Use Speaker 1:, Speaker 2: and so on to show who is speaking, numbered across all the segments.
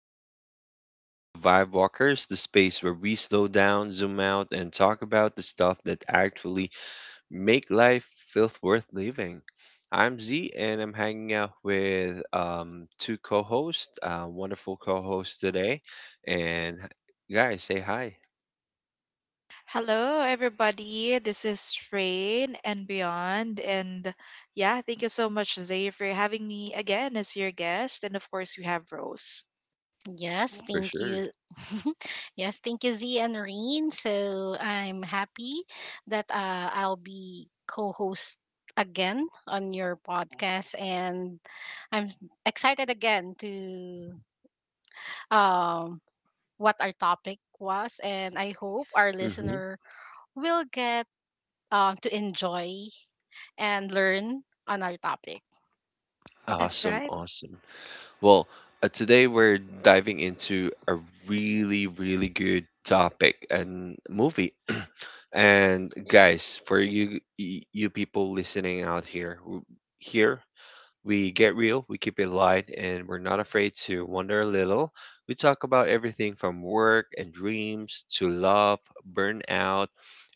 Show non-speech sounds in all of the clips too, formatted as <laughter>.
Speaker 1: everyone. Welcome to Vibe Walkers, the space where we slow down, zoom out, and talk about the stuff that actually make life feel worth living. I'm Z, and I'm hanging out with two co-hosts, wonderful co-hosts today. And guys, say hi
Speaker 2: Hello, everybody. This is Rain and Beyond. And yeah, thank you so much, Zay, for having me again as your guest. And of course, we have Rose.
Speaker 3: Yes,
Speaker 1: for
Speaker 3: thank
Speaker 1: sure.
Speaker 3: you. <laughs> Yes, thank you, Z and Reen. So I'm happy that I'll be co host again on your podcast. And I'm excited again to um, what our topic was. And I hope our
Speaker 1: hmm
Speaker 3: listener will get to enjoy and learn on our topic.
Speaker 2: That's
Speaker 1: Awesome,
Speaker 2: right.
Speaker 1: awesome. Well, today we're diving into a really good topic and movie. <clears throat> And guys, for you people listening out here, here we get real, we keep it light, and we're not afraid to wander a little. We talk about everything from work and dreams to love, burnout,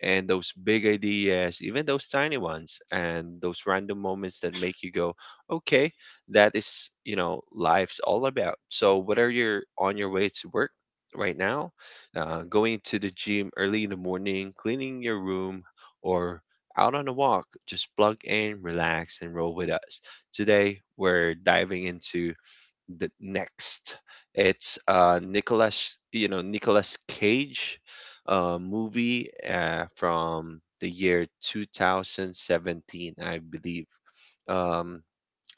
Speaker 1: and those big ideas, even those tiny ones, and those random moments that make you go, okay, that is life's all about. So, whether you're on your way to work right now, going to the gym early in the morning, cleaning your room, or out on a walk, just plug in, relax, and roll with us. Today, we're diving into the next. It's Nicholas Cage movie from the year 2017, I believe. Um,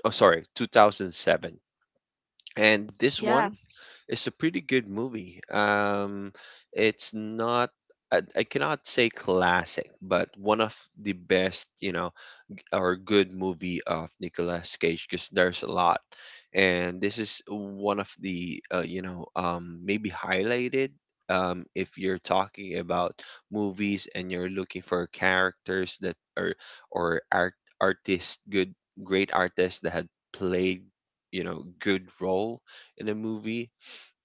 Speaker 1: oh, sorry, 2007. And this
Speaker 2: Yeah.
Speaker 1: one is a pretty good movie. It's not, I cannot say classic, but one of the best, or good movie of Nicolas Cage because there's a lot, and this is one of the maybe highlighted. If you're talking about movies and you're looking for characters that are or art artists, good great artists that had played good role in a movie.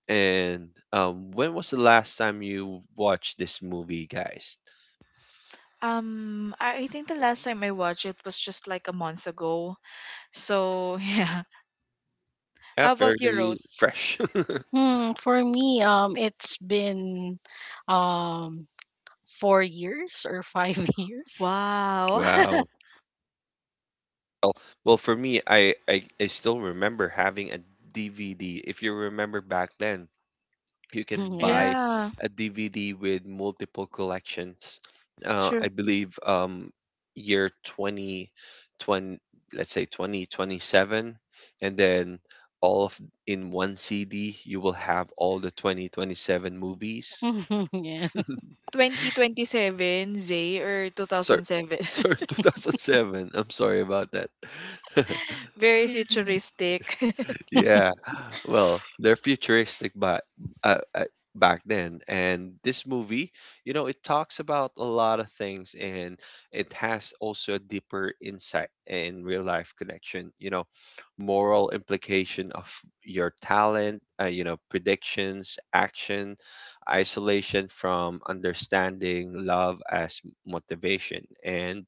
Speaker 1: And when was the last time you watched this movie, guys?
Speaker 2: I think the last time I watched it was just like a month ago. So <laughs> yeah.
Speaker 1: Yeah,
Speaker 2: How about you,
Speaker 1: fairly
Speaker 2: Rose?
Speaker 1: fresh. <laughs>
Speaker 3: For me, it's been um, 4 years or 5 years.
Speaker 2: Wow. <laughs>
Speaker 1: Wow. Well, well, for me, I still remember having a DVD. If you remember back then, you can
Speaker 3: Mhm,
Speaker 1: buy
Speaker 3: yes.
Speaker 2: Yeah.
Speaker 1: a DVD with multiple collections.
Speaker 2: True.
Speaker 1: I believe year twenty, twenty, let's say 2027, and then all of in one CD, you will have all the 2027 movies.
Speaker 3: Mhm, yeah.
Speaker 2: 2027, Zay, or
Speaker 1: Sorry,
Speaker 2: 2007.
Speaker 1: <laughs> sorry,
Speaker 2: <laughs>
Speaker 1: 2007. I'm sorry about that. <laughs>
Speaker 2: Very
Speaker 3: Yeah.
Speaker 2: futuristic. <laughs>
Speaker 1: Yeah. Well, they're futuristic but uh, uh, back then and this movie, you know, it talks about a lot of things and it has also a deeper insight and real life connection, you know, moral implication of your talent, you know, predictions, action, isolation from understanding, love as motivation. And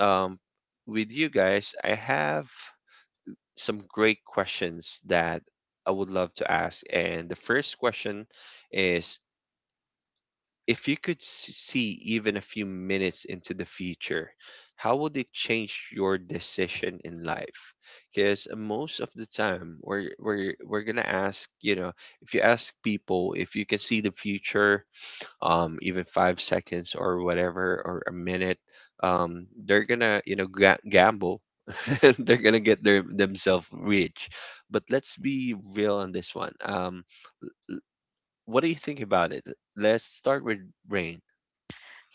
Speaker 1: um with you guys, I have some great questions that I would love to ask. And the first question is if you could see even a few minutes into the future, how would it change your decision in life? Because most of the time, we're going to ask, you know, if you ask people if you can see the future, even 5 seconds or whatever or a minute, they're gonna you know gamble. <laughs> and they're gonna get their themselves rich. But let's be real on this one. What do you think about it? Let's start with rain.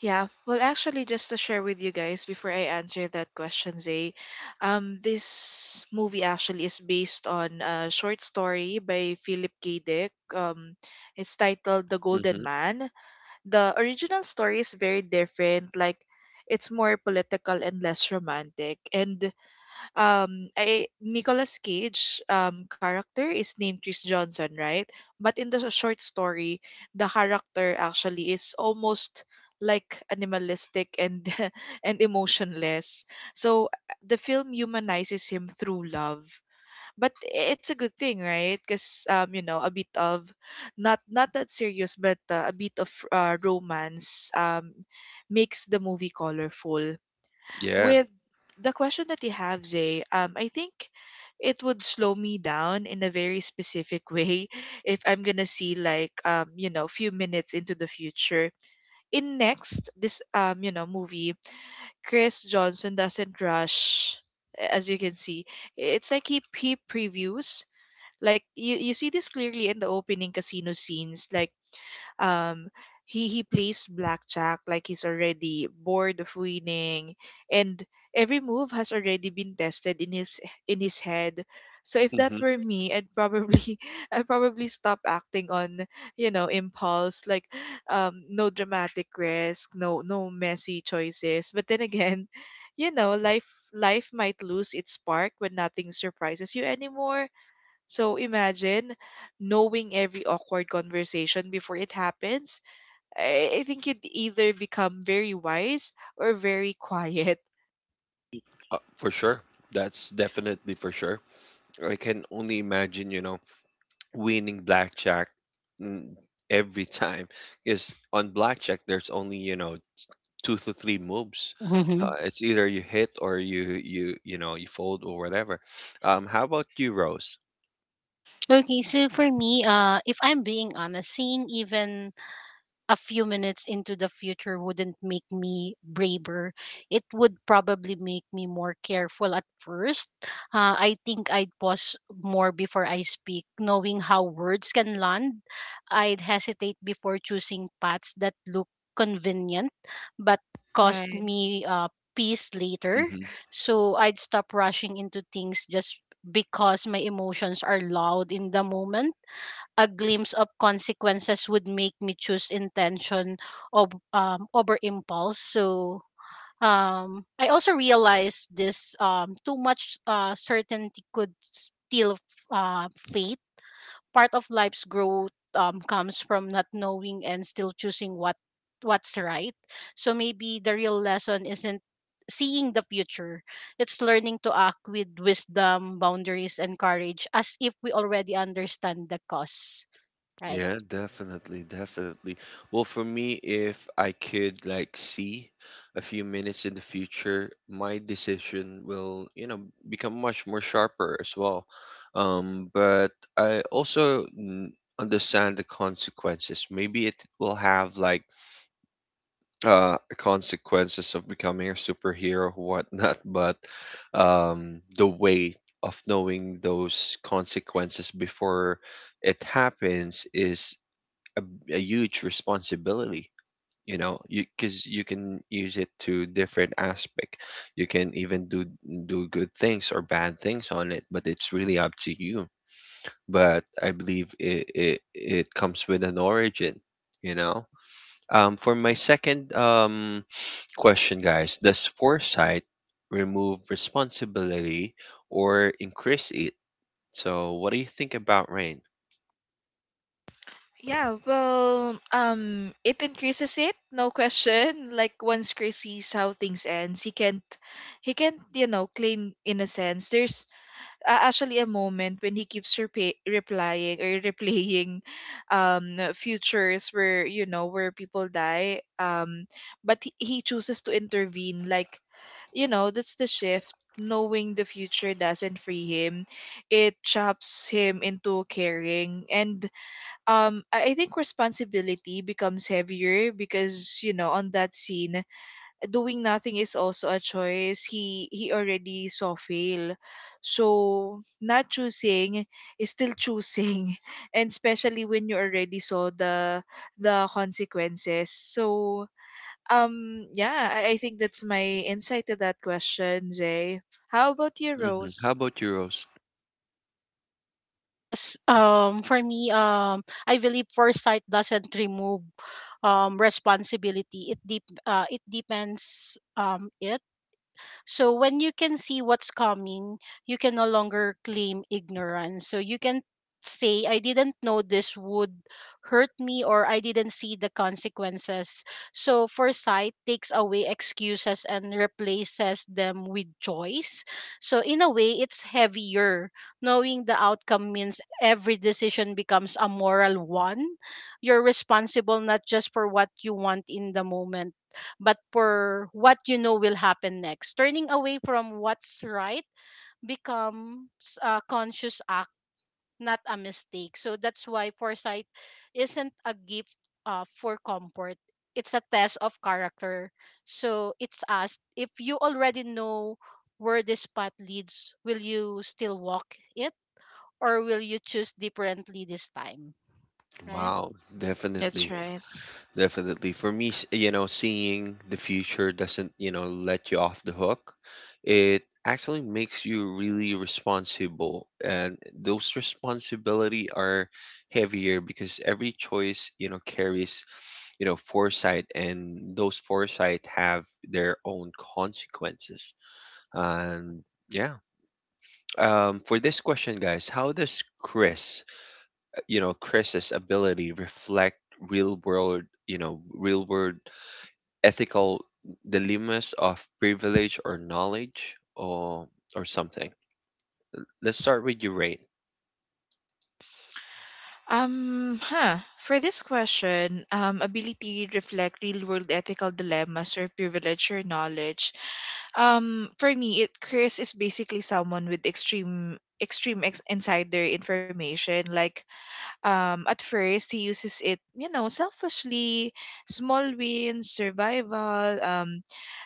Speaker 2: Yeah, well, actually, just to share with you guys before I answer that question, Zay, this movie actually is based on a short story by Philip K. Dick. It's titled The Golden
Speaker 1: Mm-hmm.
Speaker 2: Man. The original story is very different, like, it's more political and less romantic. And I Nicolas Cage character is named Chris Johnson, right? But in the short story, the character actually is almost like animalistic and <laughs> and emotionless. So the film humanizes him through love. But it's a good thing, right? Because you know, a bit of not that serious, but a bit of romance makes the movie colorful.
Speaker 1: Yeah.
Speaker 2: With the question that you have, Zay, I think it would slow me down in a very specific way <laughs> if I'm gonna see like you know, few minutes into the future. In next, this you know, movie, Chris Johnson doesn't rush, as you can see. It's like he previews. Like you see this clearly in the opening casino scenes. Like um he plays blackjack like he's already bored of winning, and every move has already been tested in his head. So if
Speaker 1: Mm-hmm.
Speaker 2: that were me, I'd probably <laughs> I'd probably stop acting on, you know, impulse. Like, no dramatic risk, no, no messy choices. But then again, you know, life might lose its spark when nothing surprises you anymore. So imagine knowing every awkward conversation before it happens. I think you'd either become very wise or very <laughs> quiet.
Speaker 1: For sure. That's definitely for sure. I can only imagine, you know, winning blackjack mm, every time. Because on blackjack, there's only, you know, two to three moves.
Speaker 3: hmm
Speaker 1: It's either you hit or you know you fold or whatever. How about you, Rose?
Speaker 3: Okay, so for me, if I'm being honest, seeing even a few minutes into the future wouldn't make me braver. It would probably make me more careful at first. I think I'd pause more before I speak, knowing how words can land. I'd hesitate before choosing paths that look convenient but cost
Speaker 2: Right.
Speaker 3: me peace later.
Speaker 1: hmm
Speaker 3: So I'd stop rushing into things just because my emotions are loud in the moment, a glimpse of consequences would make me choose intention of over impulse. So I also realized this, too much certainty could steal faith. Part of life's growth comes from not knowing and still choosing what's right. So maybe the real lesson isn't seeing the future, it's learning to act with wisdom, boundaries and courage as if we already understand the cause, right?
Speaker 1: Yeah, definitely, definitely. Well, for me, if I could like see a few minutes in the future, my decision will you know become much more sharper as well. But I also understand the consequences. Maybe it will have like consequences of becoming a superhero, or whatnot, <laughs> but the weight of knowing those consequences before it happens is a huge responsibility. You know, because you can use it to different aspect. You can even do good things or bad things on it, but it's really up to you. But I believe it comes with an origin. You know. Um, for my
Speaker 3: Yes.
Speaker 1: second um, question, guys, does foresight remove responsibility or increase it? So, what do you think about rain?
Speaker 2: Yeah, well, it increases it, no question. Like once Chris sees how things ends, he can't, you know, claim innocence. Actually a moment when he keeps replying or replaying futures where, you know, where people die, but he chooses to intervene. Like, you know, that's the shift. Knowing the future doesn't free him, it chops him into caring. And I think responsibility becomes heavier because, you know, on that scene, doing nothing is also a choice. He already saw fail. So not choosing is still choosing. <laughs> And especially when you already saw the consequences. So yeah, I think that's my insight to that question, Jay. How about you, Rose?
Speaker 1: How about you, Rose?
Speaker 3: Yes. For me, I believe foresight doesn't remove responsibility. It depends, it so when you can see what's coming, you can no longer claim ignorance. So you can say, I didn't know this would hurt me, or I didn't see the consequences. So foresight takes away excuses and replaces them with choice. So in a way, it's heavier. Knowing the outcome means every decision becomes a moral one. You're responsible not just for what you want in the moment, but for what you know will happen next. Turning away from what's right becomes a conscious act, not a mistake. So that's why foresight isn't a gift for comfort. It's a test of character. So it's asked, if you already know where this path leads, will you still walk it or will you choose differently this time? Right?
Speaker 1: Wow,
Speaker 2: That's
Speaker 1: definitely.
Speaker 2: right.
Speaker 1: Definitely. For me, you know, seeing the future doesn't, you know, let you off the hook. It actually makes you really responsible. And those responsibility are heavier because every choice, you know, carries you know foresight and those foresight have their own consequences and yeah for this question guys how does chris's ability reflect real world real world ethical dilemmas of privilege or knowledge or something let's start with your rate
Speaker 2: Huh. For this question, ability to reflect real-world ethical dilemmas or privilege or knowledge. For me, it Chris is basically someone with extreme insider information. Like, at first he uses it, you know, selfishly, small wins, survival,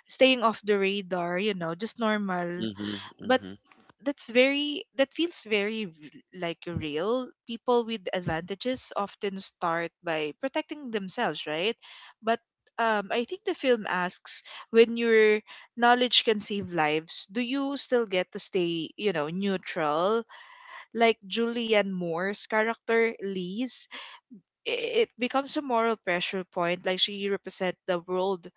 Speaker 2: staying off the radar, you know, just normal.
Speaker 1: mm-hmm,
Speaker 2: But
Speaker 1: mm-hmm.
Speaker 2: that feels very like real people with advantages often start by protecting themselves, right? But I think the film asks, when your knowledge can save lives, do you still get to stay, you know, neutral? Like Julianne Moore's character Liz, it becomes a moral pressure point. Like she represent the world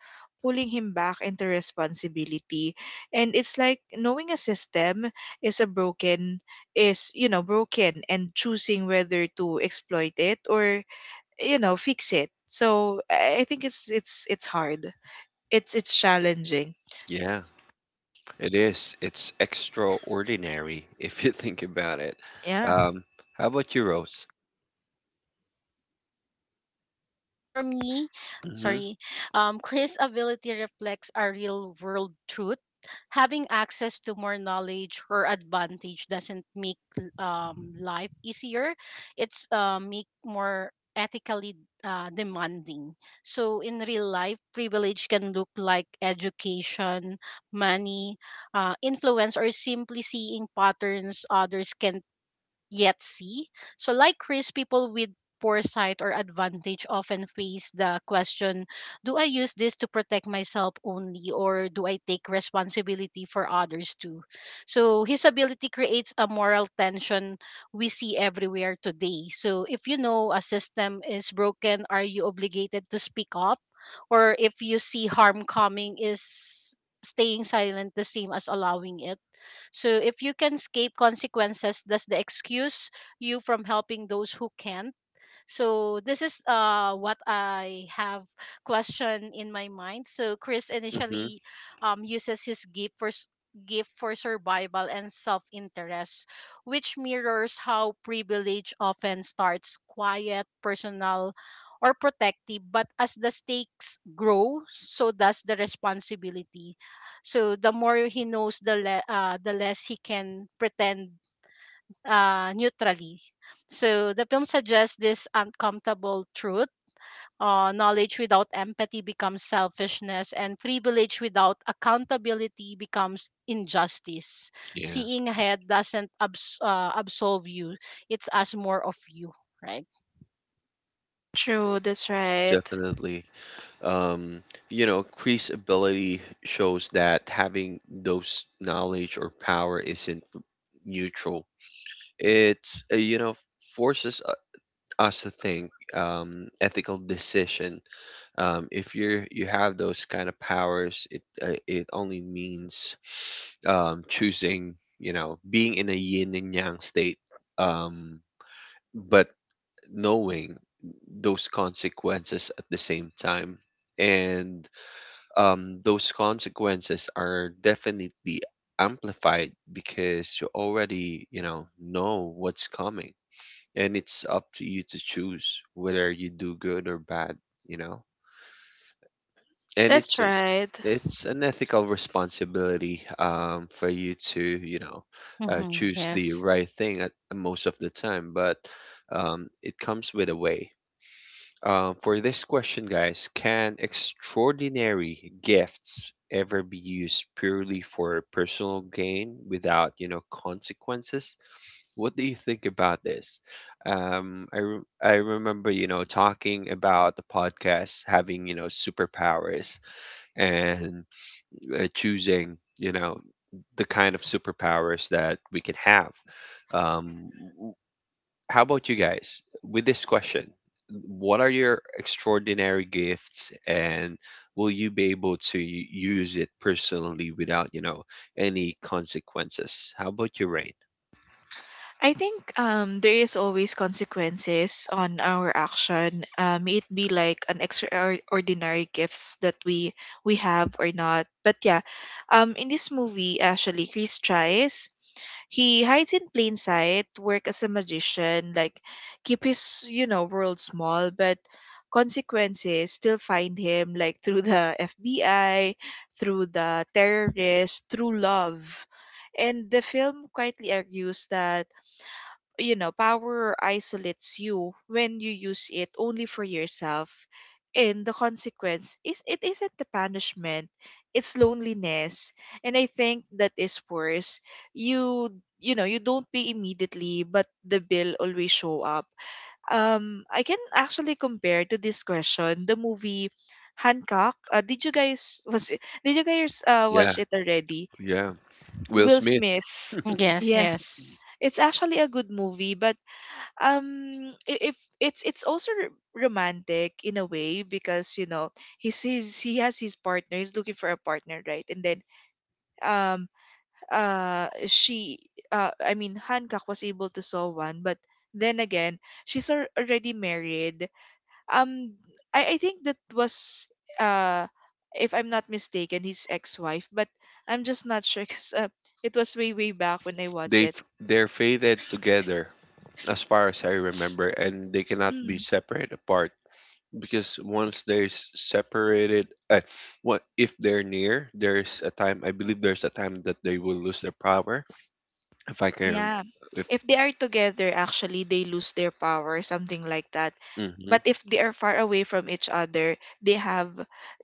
Speaker 2: pulling him back into responsibility. And it's like knowing a system is a broken is, you know, broken, and choosing whether to exploit it or, you know, fix it. So I think it's hard, it's challenging.
Speaker 1: Yeah it is it's extraordinary <laughs> if you think about it
Speaker 2: Yeah,
Speaker 1: um, how about you rose
Speaker 3: For me,
Speaker 1: Mhm,
Speaker 3: sorry, Chris' ability reflects a real world truth. Having access to more knowledge or advantage doesn't make life easier. It's make more ethically demanding. So in real life, privilege can look like education, money, influence, or simply seeing patterns others can yet see. So, like risk, people with poor sight or advantage often face the question, do I use this to protect myself only, or do I take responsibility for others too? So, his ability creates a moral tension we see everywhere today. So, if you know a system is broken, are you obligated to speak up? Or if you see harm coming, is staying silent the same as allowing it? So if you can escape consequences, does the excuse you from helping those who can't? So this is what I have question in my mind. So Chris
Speaker 1: mhm.
Speaker 3: initially uses his gift for s- gift for survival and self-interest, which mirrors how privilege often starts quiet, personal, or protective, but as the stakes grow, so does the responsibility. So the more he knows, the less he can pretend neutrally. So the film suggests this uncomfortable truth. Knowledge without empathy becomes selfishness, and privilege without accountability becomes injustice.
Speaker 1: Yeah,
Speaker 3: Seeing ahead doesn't absolve you, it's us more of you, right?
Speaker 2: true, that's right.
Speaker 1: definitely. Um, you know, Kree's ability shows that having those knowledge or power isn't neutral. It's forces us to think ethical decision. If you have those kind of powers, it only means choosing. You know, being in a yin and yang state. Um, but knowing those consequences at the same time. And those consequences are definitely amplified because you already, you know what's coming. And it's up to you to choose whether you do good or bad, you know. And
Speaker 2: That's right.
Speaker 1: it's an ethical responsibility for you to, you know,
Speaker 3: Mm-hmm.
Speaker 1: choose the
Speaker 3: Yes.
Speaker 1: right thing at most of the time, but it comes with a way. For this question, guys, can extraordinary gifts ever be used purely for personal gain without, you know, consequences? What do you think about this? I remember, you know, talking about the podcast having, you know, superpowers and choosing, you know, the kind of superpowers that we can have. Um, how about you guys? With this question, what are your extraordinary gifts and will you be able to use it personally without, you know, any consequences? How about you, Rain?
Speaker 2: I think there is always consequences on our action. May it be like an extraordinary gifts that we have or not. But yeah, in this movie, actually, Chris tries. He hides in plain sight, work as a magician, like keep his, you know, world small, but consequences still find him, like, <laughs> through the FBI, through the terrorists, through love. And the film quietly argues that, you know, power isolates you when you use it only for yourself. And the consequence is it isn't the punishment, it's loneliness. And I think that is worse. You you know, you don't pay immediately, but the bill always show up. I can actually compare to this question the movie Hancock. Did you guys <laughs> did you guys
Speaker 1: Yeah,
Speaker 2: watch it already?
Speaker 1: yeah. Will
Speaker 2: Will
Speaker 1: Smith,
Speaker 2: Smith.
Speaker 3: Yes,
Speaker 2: Yeah,
Speaker 3: yes.
Speaker 2: it's actually a good movie, but if it's also romantic in a way because, you know, he sees he has his partner, he's looking for a partner, right? And then um she I mean Hancock was able to solve one, but then again, she's already married. Um i i think that was, uh, if I'm not mistaken, his ex-wife, but I'm just not sure <laughs> because it was way back when I watched it.
Speaker 1: they're fated together as far as I remember and they cannot
Speaker 2: Hmm.
Speaker 1: be separate apart because once they're separated what if they're near there's a time that they will lose their power. If I can,
Speaker 2: Yeah.
Speaker 1: if
Speaker 2: If they are together, actually, they lose their power, something like that.
Speaker 1: hmm
Speaker 2: But if they are far away from each other, they have,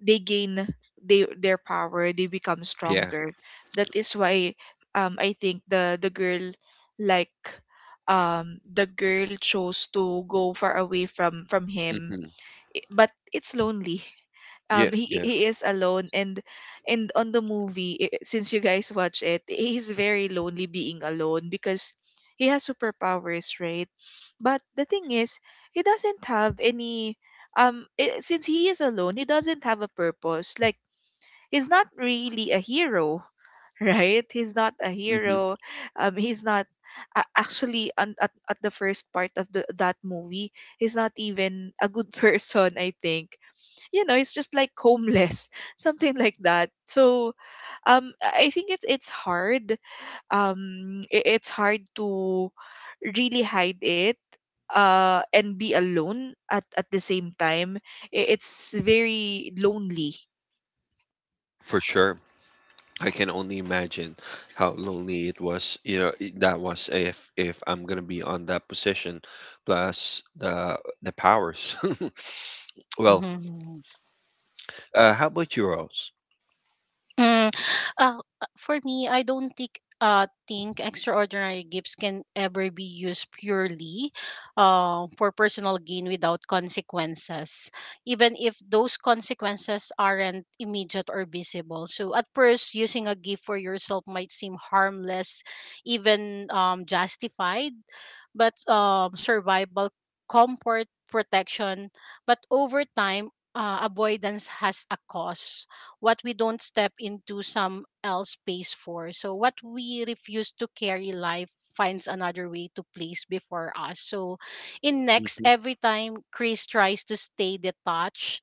Speaker 2: they gain their power, they become
Speaker 1: yeah,
Speaker 2: stronger. That is why I think the girl, like, the girl chose to go far away from him.
Speaker 1: hmm
Speaker 2: But it's lonely.
Speaker 1: yeah, yeah,
Speaker 2: He is alone, and on the movie, since you guys watch it, he's very lonely being alone because he has superpowers, right? But the thing is, he doesn't have any. I Since he is alone, he doesn't have a purpose. Like, he's not really a hero, <laughs> right? He's not a
Speaker 1: hmm
Speaker 2: hero. He's not actually at the first part of the that movie, he's not even a good <laughs> person, I think. You know, it's just like homeless <laughs> something like that. So I think it's hard, it's hard to really hide it, uh, and be alone at the same time. It's very lonely.
Speaker 1: for sure. I can only imagine how lonely it was. You know, that was if I'm gonna be on that position, plus the powers. <laughs> Well,
Speaker 3: Mm-hmm.
Speaker 1: how about you, Rose?
Speaker 3: Mm, uh, for me, I don't think extraordinary gifts can ever be used purely for personal gain without consequences, even if those consequences aren't immediate or visible. So at first, using a gift for yourself might seem harmless, even justified, but survival, comfort, protection, but over time, avoidance has a cost, what we don't step into some else pays for. So what we refuse to carry, life finds another way to place before us. So in next,
Speaker 1: hmm
Speaker 3: every time Chris tries to stay detached,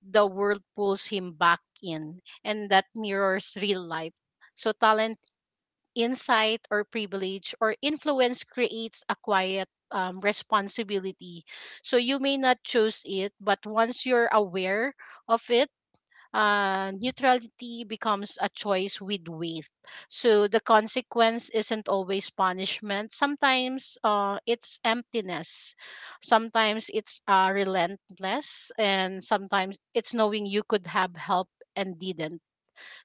Speaker 3: the world pulls him back in. And that mirrors real life. So talent, insight, or privilege or influence creates a quiet responsibility. So you may not choose it, but once you're aware of it, neutrality becomes a choice with weight. So the consequence isn't always punishment. Sometimes it's emptiness. Sometimes it's relentless. And sometimes it's knowing you could have help and didn't.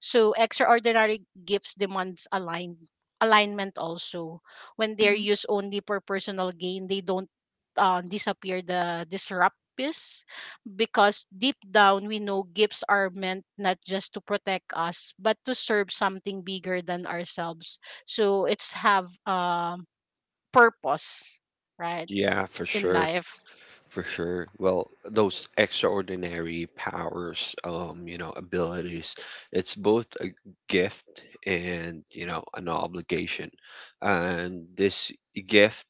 Speaker 3: So extraordinary gifts demands alignment also. When they're used only for personal gain, they don't disappear, the disrupt piece, because deep down we know gifts are meant not just to protect us but to serve something bigger than ourselves. So it's have purpose, right,
Speaker 1: Yeah, for
Speaker 3: in
Speaker 1: sure.
Speaker 3: life.
Speaker 1: For sure. Well, those extraordinary powers, you know, abilities, it's both a gift and, you know, an obligation. And this gift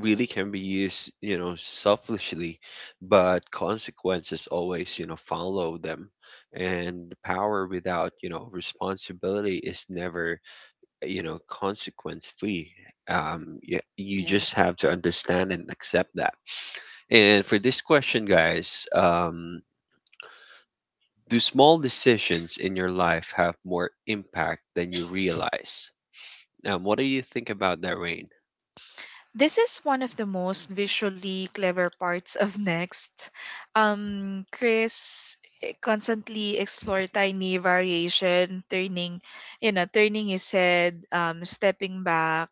Speaker 1: really can be used, you know, selfishly, but consequences always, you know, follow them. And the power without, you know, responsibility is never, you know, consequence free. You just
Speaker 3: Yes.
Speaker 1: have to understand and accept that. And for this question, guys, do small decisions in your life have more impact than you realize? What do you think about that, Rain?
Speaker 2: This is one of the most visually clever parts of <laughs> Next. Chris, constantly explore tiny variation, turning, you know, turning his head, stepping back,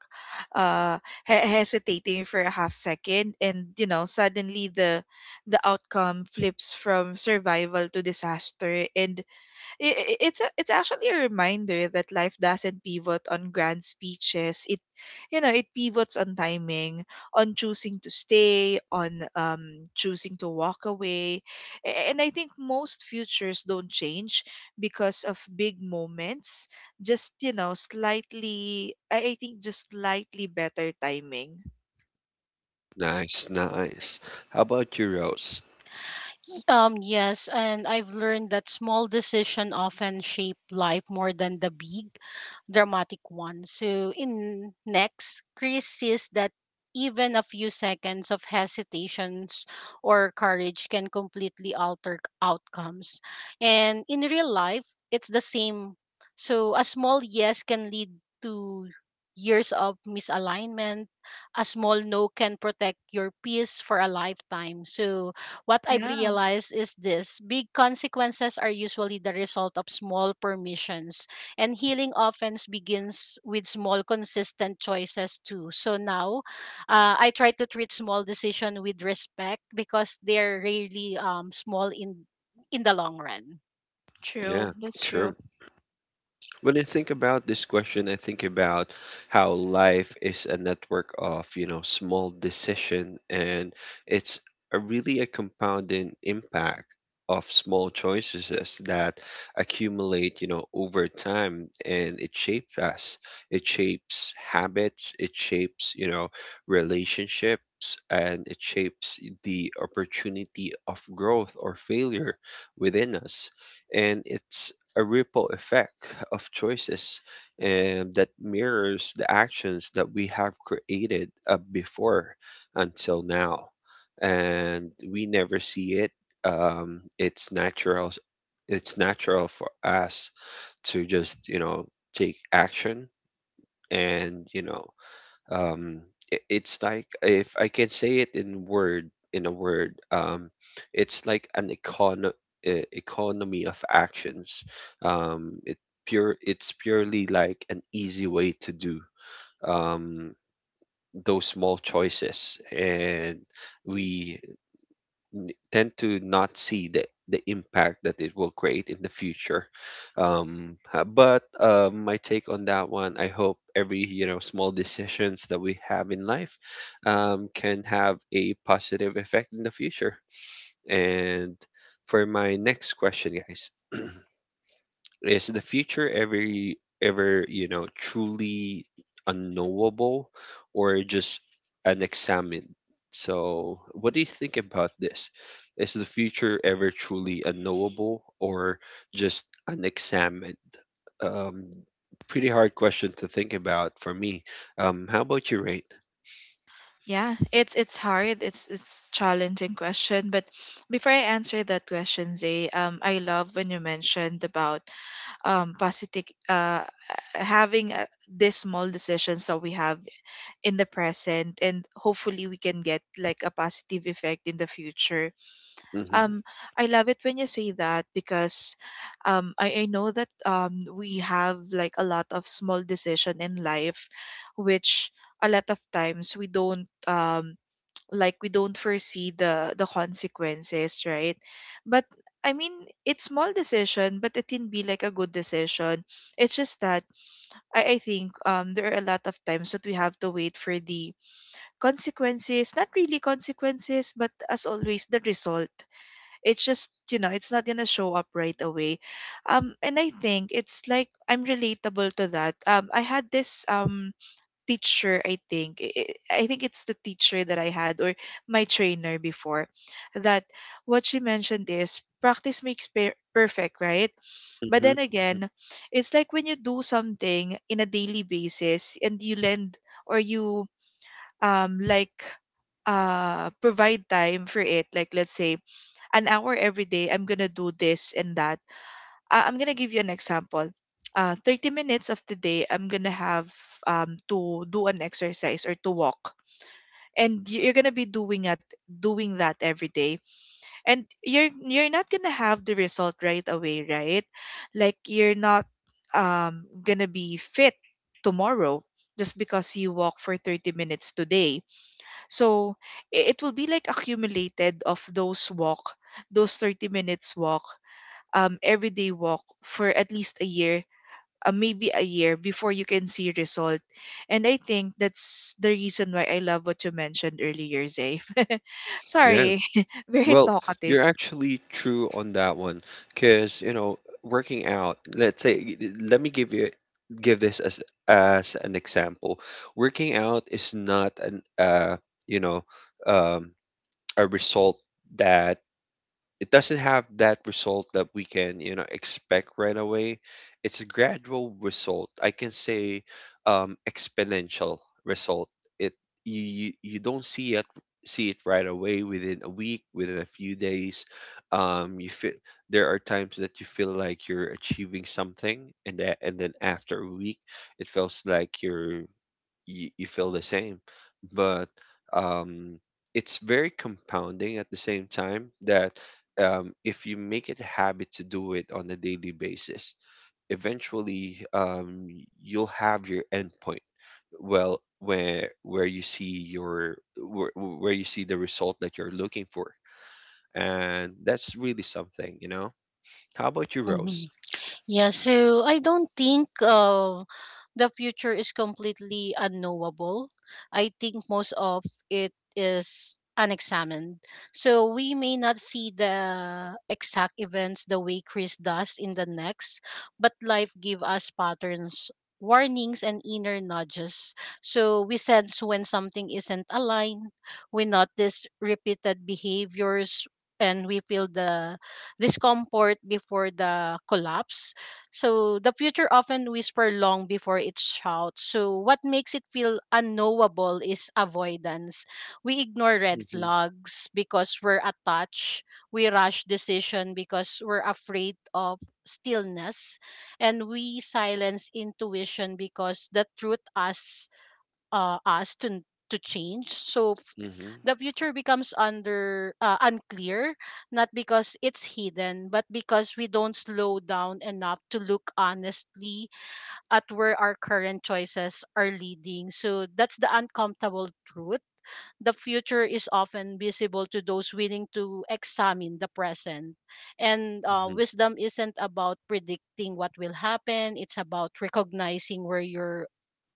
Speaker 2: uh, hesitating for a half second, and, you know, suddenly the outcome flips from survival to disaster. And it's a, it's actually a reminder that life doesn't pivot on grand speeches. It, you know, it pivots on timing, on choosing to stay, on choosing to walk away. And I think most futures don't change because of big moments. Just, you know, slightly, I think just slightly better timing.
Speaker 1: Nice, nice. How about you, Rose?
Speaker 3: Yes, and I've learned that small decisions often shape life more than the big, dramatic ones. So, in next, Chris says that even a few seconds of hesitations or courage can completely alter outcomes. And in real life, it's the same. So, a small yes can lead to years of misalignment. A small no can protect your peace for a lifetime. So, what I've
Speaker 2: Yeah,
Speaker 3: realized is this, big consequences are usually the result of small permissions, and healing often begins with small, consistent choices too. So now I try to treat small decision with respect because they're really small in the long run.
Speaker 2: true.
Speaker 1: Yeah,
Speaker 2: That's
Speaker 1: sure.
Speaker 2: true.
Speaker 1: When I think about this question, I think about how life is a network of, you know, small decision and it's a really a compounding impact of small choices that accumulate, you know, over time and it shapes us. It shapes habits, it shapes, you know, relationships and it shapes the opportunity of growth or failure within us. And it's a ripple effect of choices and that mirrors the actions that we have created before until now and we never see it it's natural for us to just you know take action and you know um it's like if I can say it in a word it's like an economy of actions um it it's purely like an easy way to do um those small choices and we tend to not see the impact that it will create in the future. But my take on that one, I hope every you know small decisions that we have in life can have a positive effect in the future. And for my next question, guys, is the future ever ever, you know, truly unknowable or just unexamined? So, what do you think about this? Is the future ever truly unknowable or just unexamined? Um, pretty hard question to think about for me. How about you, Rain?
Speaker 2: Yeah, it's hard. It's challenging question, but before I answer that question, Zay, I love when you mentioned about positive uh having these small decisions that we have in the present, and hopefully we can get like a positive effect in the future.
Speaker 1: Mm-hmm.
Speaker 2: Um, I love it when you say that because, I know that we have like a lot of small decision in life, which a lot of times we don't like we don't foresee the consequences, right? But I mean, it's small decision, but it can be like a good decision. It's just that I think there are a lot of times that we have to wait for the consequences, not really consequences, but as always the result. It's just, you know, it's not gonna show up right away. Um, and I think it's like I'm relatable to that. Um, I had this teacher. I think think it's the teacher that I had, or my trainer before, that what she mentioned is practice makes perfect, right? But
Speaker 1: Mm-hmm.
Speaker 2: then
Speaker 1: Mm-hmm.
Speaker 2: again, it's like when you do something in a daily basis, and you lend, or you, um like provide time for it, like, let's say an hour every day I'm gonna do this and that. Uh, I'm gonna give you an example. 30 minutes of the day, I'm gonna have, to do an exercise or to walk, and you're gonna be doing doing that every day, and you're not gonna have the result right away, right? Like, you're not, gonna be fit tomorrow just because you walk for 30 minutes today. So it will be like accumulated of those walk, those 30 minutes walk, everyday walk for at least a year, maybe a year before you can see result. And I think that's the reason why I love what you mentioned earlier, Zay. <laughs>
Speaker 1: Yeah.
Speaker 2: Sorry, <laughs> very
Speaker 1: Well,
Speaker 2: talkative.
Speaker 1: you're actually true on that one, because you know, working out. Let's say, let me give you give this as an example. Working out is not an you know um a result that it doesn't have that result that we can expect right away. It's a gradual result, I can say, exponential result. It you you you don't see it right away, within a week, within a few days. You feel there are times that you feel like you're achieving something, and that and then after a week it feels like you're you feel the same. But um, it's very compounding at the same time, that if you make it a habit to do it on a daily basis, eventually you'll have your endpoint. Well, where you see your where you see the result that you're looking for, and that's really something, you know. How about you, Rose?
Speaker 3: Mhm. Yeah, so I don't think the future is completely unknowable. I think most of it is unexamined. So we may not see the exact events the way Chris does in the next, but life give us patterns, warnings and inner nudges. So we sense when something isn't aligned, we notice repeated behaviors and we feel the discomfort before the collapse, so the future often whispers long before it shouts. So what makes it feel unknowable is avoidance. We ignore red
Speaker 1: Mm-hmm.
Speaker 3: flags because we're attached. We rush decision because we're afraid of stillness, and we silence intuition because the truth asks us to change. So
Speaker 1: Mm-hmm.
Speaker 3: the future becomes under unclear, not because it's hidden, but because we don't slow down enough to look honestly at where our current choices are leading. So that's the uncomfortable truth. The future is often visible to those willing to examine the present. And
Speaker 1: Hmm.
Speaker 3: wisdom isn't about predicting what will happen, it's about recognizing where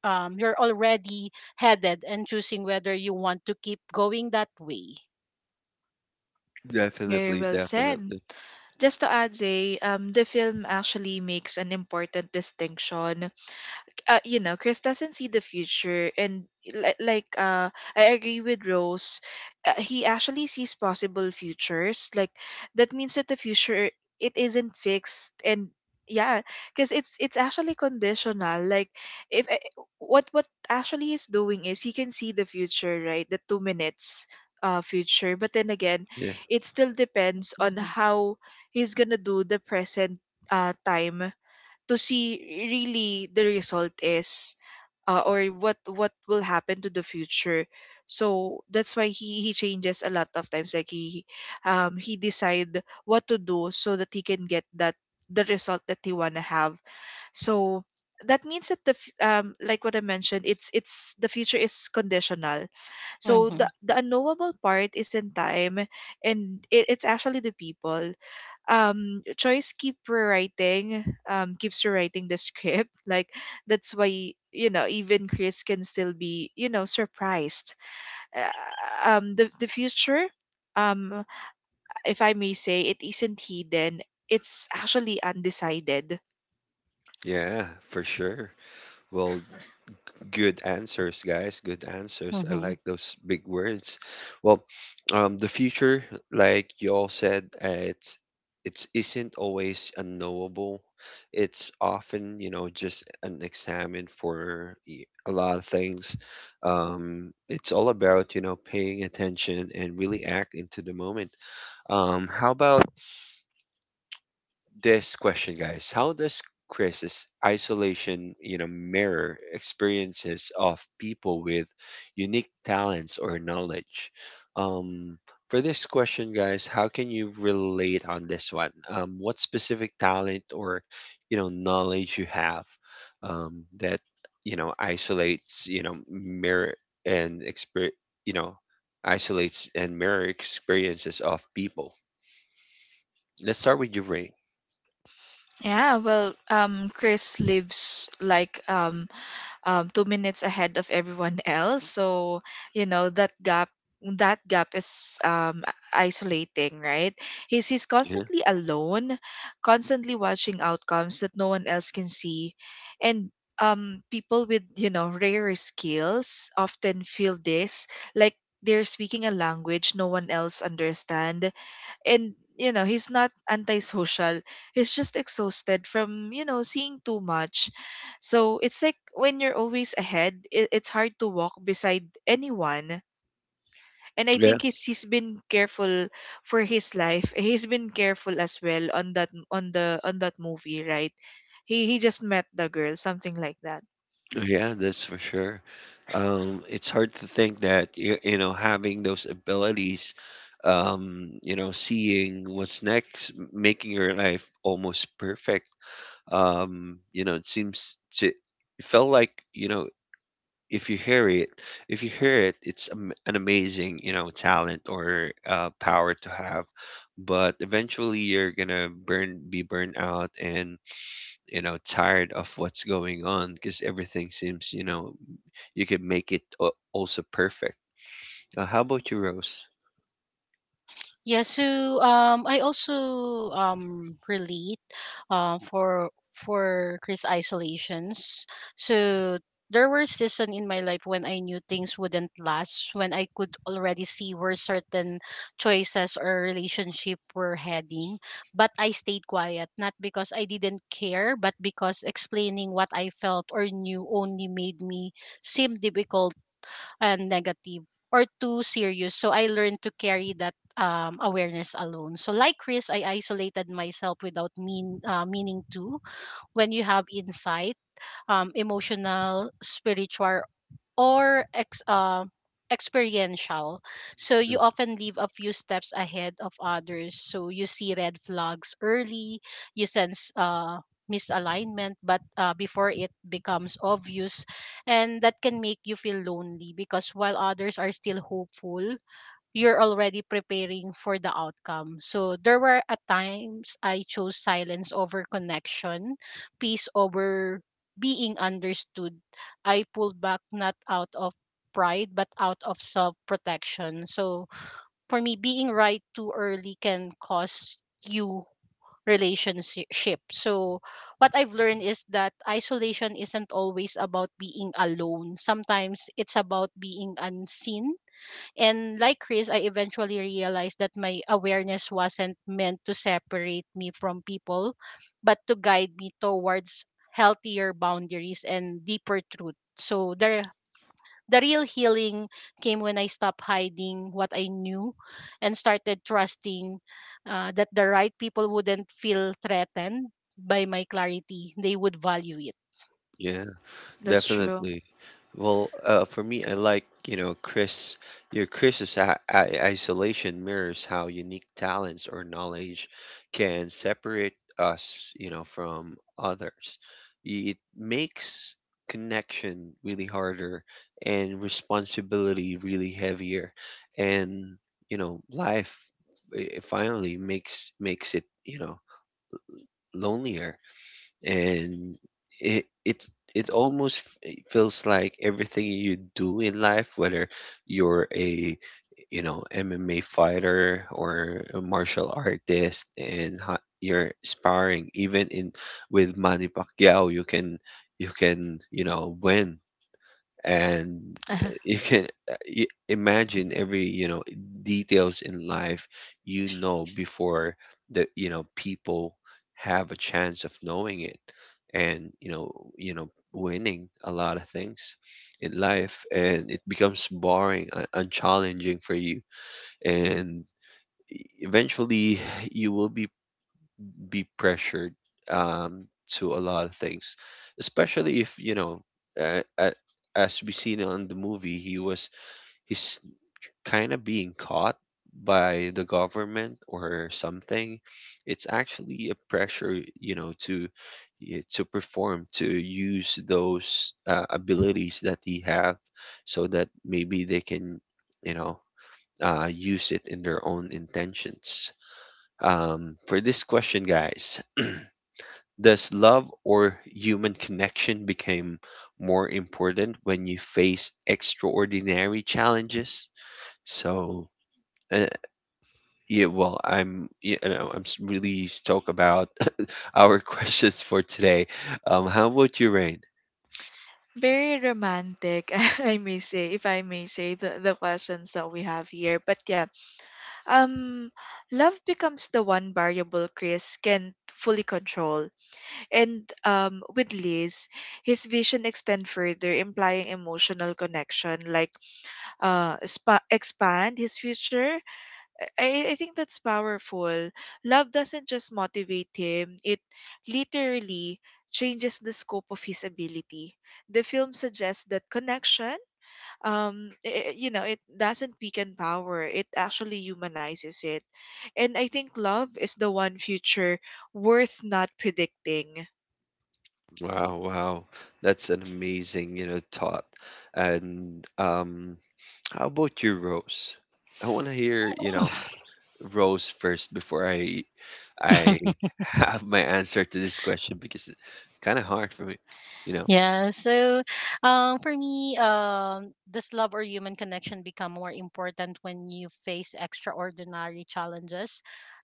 Speaker 3: you're already headed and choosing whether you want to keep going that way.
Speaker 2: Very
Speaker 1: Definitely,
Speaker 2: well said.
Speaker 1: definitely.
Speaker 2: Just to add, Zay, the film actually makes an important distinction. Uh, you know, Chris doesn't see the future, and like, I agree with Rose. He actually sees possible futures. Like that means that the future it isn't fixed, and yeah, because it's actually conditional. Like if I- What actually he's doing is he can see the future, right? The 2 minutes future, but then again,
Speaker 1: Yeah.
Speaker 2: it still depends on
Speaker 3: Mm-hmm.
Speaker 2: how he's gonna do the present time to see really the result is or what will happen to the future, so that's why he changes a lot of times. Like he he decide what to do so that he can get that the result that he want to have. So that means that like what I mentioned, it's the future is conditional. So
Speaker 3: Mm-hmm.
Speaker 2: the unknowable part is in time, and it's actually the people choice keep rewriting, keeps rewriting the script, <laughs> like that's why, you know, even Chris can still be, you know, surprised. uh, the future, um if I may say, it isn't hidden, it's actually undecided.
Speaker 1: Yeah, for sure. Well, good answers, guys. Good answers. I
Speaker 3: Mm-hmm.
Speaker 1: like those big words. Well, the future, like you all said, it's isn't always unknowable. It's often, just an examined for a lot of things. It's all about, paying attention and really act into the moment. How about this question, guys? How does crisis isolation, you know, mirror experiences of people with unique talents or knowledge? Um, for this question, guys, how can you relate on this one? What specific talent or knowledge you have, um, that isolates, you know, mirror and experience, you know, isolates and mirror experiences of people? Let's start with you, Ray.
Speaker 2: Yeah, well, Chris lives like 2 minutes ahead of everyone <laughs> else. So, you know, that gap, that gap is isolating, right? He's
Speaker 1: Yeah.
Speaker 2: constantly alone, constantly watching outcomes that no one else can see. And people with, you know, rare skills often feel this, like they're speaking a language no one else understand. And, you know, he's not antisocial, he's just exhausted from, you know, seeing too much. So it's like when you're always ahead, it's hard to walk beside anyone. And I
Speaker 1: Yeah.
Speaker 2: think he's been careful for his life, he's been careful as well on that, on the, on that movie, right? He just met the girl, something like that.
Speaker 1: Yeah, that's for sure. It's hard to think that you know, having those abilities, you know, seeing what's next, making your life almost perfect. You know, it seems to it felt like if you hear it, if you hear it, it's an amazing, you know, talent or power to have. But eventually, you're gonna be burnt out, and you know, tired of what's going on, because everything seems, you know, you can make it also perfect. How about you, Rose?
Speaker 3: Yeah, so I also relate for Chris isolations. So there were season in my life when I knew things wouldn't last, when I could already see where certain choices or relationship were heading, but I stayed quiet, not because I didn't care, but because explaining what I felt or knew only made me seem difficult and negative or too serious. So I learned to carry that awareness alone. So like Chris, I isolated myself without meaning to. When you have insight, emotional, spiritual, or experiential. So
Speaker 1: Mm,
Speaker 3: you often leave a few steps ahead of others. So you see red flags early, you sense misalignment, but before it becomes obvious, and that can make you feel lonely because while others are still hopeful, you're already preparing for the outcome. So there were at times I chose silence over connection, peace over being understood. I pulled back not out of pride but out of self protection. So for me, being right too early can cost you relationship. So what I've learned is that isolation isn't always about being alone. Sometimes it's about being unseen, and like Chris, I eventually realized that my awareness wasn't meant to separate me from people, but to guide me towards healthier boundaries and deeper truth. So the real healing came when I stopped hiding what I knew and started trusting, that the right people wouldn't feel threatened by my clarity. They would value it.
Speaker 1: yeah,
Speaker 2: That's true.
Speaker 1: definitely. Well, for me, I like, you know, Chris, your Chris's isolation mirrors how unique talents or knowledge can separate us, you know, from others. It makes connection really harder and responsibility really heavier. And, you know, life finally makes it, you know, lonelier, and it it almost it feels like everything you do in life, whether you're a, you know, MMA fighter or a martial artist, and you're sparring even in with Manny Pacquiao, you can you can you know, win, and
Speaker 2: <laughs>
Speaker 1: you can, uh, imagine every, you know, details in life, you know, before the, you know, people have a chance of knowing it, and you know, winning a lot of things in life, and it becomes boring, and challenging for you, and eventually you will be pressured, um, to a lot of things, especially if, you know, uh, uh, as we seen on the movie, he was he's kind of being caught by the government or something. It's actually a pressure, you know, to to perform, to use those abilities that he have, so that maybe they can, you know, use it in their own intentions. For this question, guys, does love or human connection become more important when you face extraordinary challenges? So, uh, yeah, well, I'm, you know, I'm really stoked about <laughs> our questions for today. How about you, Rain?
Speaker 2: Very romantic, <laughs> I may say, if I may say the questions that we have here, but yeah. Um, Love becomes the one variable Chris can fully control. And with Liz, his vision extend further, implying emotional connection, like expand his future. I think that's powerful. Love doesn't just motivate him, it literally changes the scope of his ability. The film suggests that connection, you know, it doesn't weaken power, it actually humanizes it. And I think love is the one future worth not predicting.
Speaker 1: Wow, wow, that's an amazing, you know, thought. And how about you, Rose? I want to hear, you know. Rose first before I <laughs> have my answer to this question, because it's kind of hard for me, you know.
Speaker 3: Yeah, so for me, does love or human connection become more important when you face extraordinary challenges?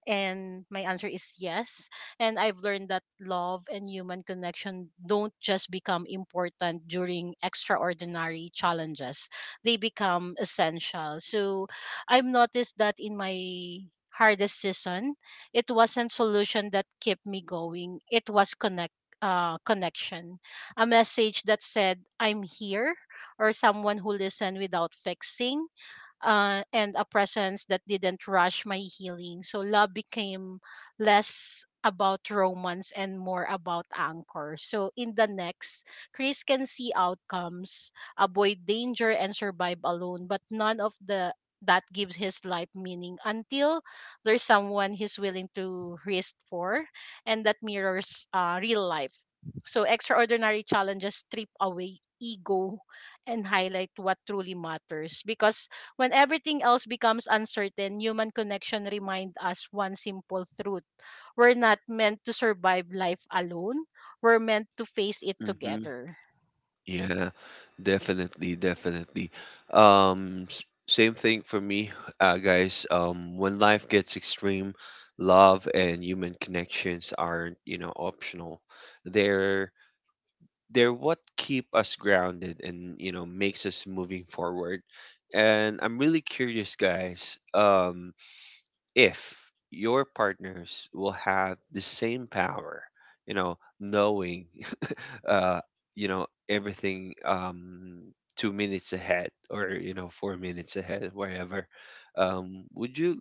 Speaker 3: And my answer is yes. And I've learned that love and human connection don't just become important during extraordinary challenges, they become essential. So I've noticed that in my hardest season, it wasn't solution that kept me going, it was connect. Connection, a message that said, I'm here, or someone who listened without fixing, and a presence that didn't rush my healing. So love became less about romance and more about anchor. So in the next, Chris can see outcomes, avoid danger, and survive alone, but none of the that gives his life meaning until there's someone he's willing to risk for, and that mirrors real life. So extraordinary challenges strip away ego and highlight what truly matters because when everything else becomes uncertain, human connection reminds us one simple truth. We're not meant to survive life alone. We're meant to face it
Speaker 1: Hmm.
Speaker 3: together.
Speaker 1: Yeah, definitely, definitely. Same thing for me, guys. When life gets extreme, love and human connections aren't, you know, optional. They're they're what keep us grounded and, you know, makes us moving forward. And I'm really curious, guys. If your partners will have the same power, you know, knowing, <laughs> uh, you know, everything, 2 minutes ahead or, you know, 4 minutes ahead, wherever, would you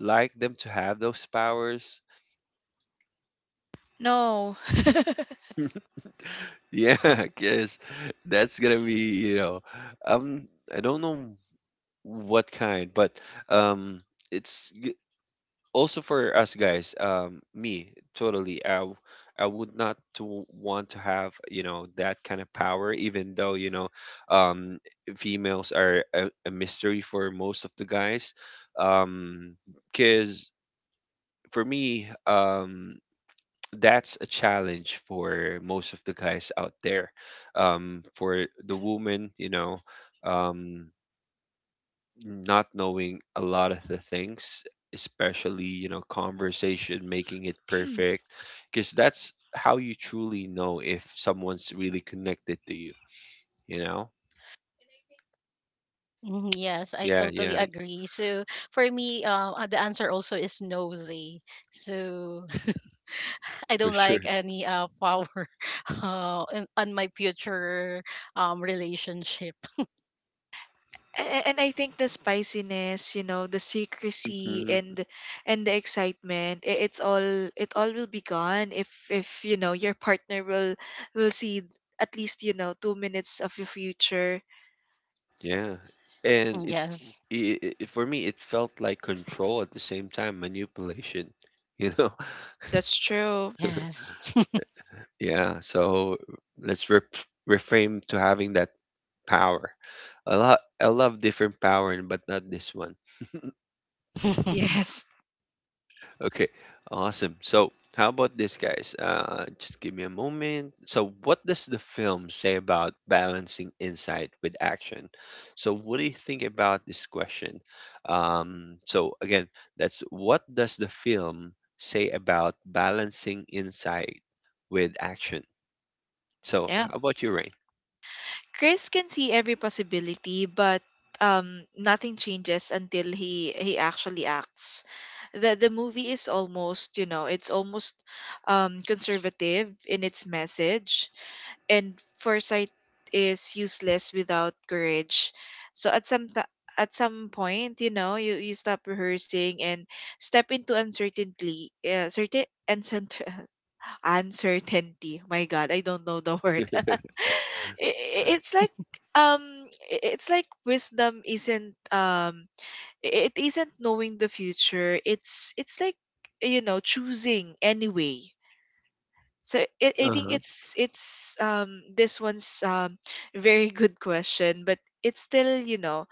Speaker 1: like them to have those powers?
Speaker 2: No. <laughs>
Speaker 1: Yeah, <laughs> because that's gonna be, you know, um, I don't know what kind, but um, it's also for us guys, me totally. I would not to want to have, you know, that kind of power, even though, you know, um females are a mystery for most of the guys, um because for me that's a challenge for most of the guys out there, for the woman, you know, um not knowing a lot of the things, especially, you know, conversation, making it perfect, because that's how you truly know if someone's really connected to you, you know?
Speaker 3: Mhm. Yes, I
Speaker 1: Yeah,
Speaker 3: totally
Speaker 1: yeah,
Speaker 3: agree. So for me, the answer also is nosy. So <laughs> I
Speaker 1: for
Speaker 3: don't
Speaker 1: sure.
Speaker 3: like any power <laughs> on my future relationship.
Speaker 2: And I think the spiciness, you know, the secrecy
Speaker 1: Hmm.
Speaker 2: and the excitement, it's all, it all will be gone if, you know, your partner will see at least, you know, 2 minutes of your future.
Speaker 1: Yeah. And
Speaker 3: Mhm. Yes.
Speaker 1: it for me it felt like control, at the same time manipulation, <laughs> you know?
Speaker 2: That's true.
Speaker 3: Yes.
Speaker 1: Yeah, so let's re reframe to having that power. A lot I love different power, but not this one.
Speaker 3: <laughs>
Speaker 2: Yes.
Speaker 1: Okay, awesome. So, how about this, guys? Just give me a moment. So, what does the film say about balancing insight with action? So, what do you think about this question? So, again, that's what does the film say about balancing insight with action? So,
Speaker 2: Yeah.
Speaker 1: how about you, Rain?
Speaker 2: Chris can see every possibility, but nothing changes until he actually acts. The movie is almost, you know, it's almost conservative in its message, and foresight is useless without courage. So at at some point, you know, you stop rehearsing and step into uncertainty, certain uncertain uncertainty. My God, I don't know the word. <laughs> It's like um it's like wisdom isn't it isn't knowing the future. It's like, you know, choosing anyway. So I
Speaker 1: Uh
Speaker 2: think
Speaker 1: huh.
Speaker 2: it's this one's very good question, but it's still, you know,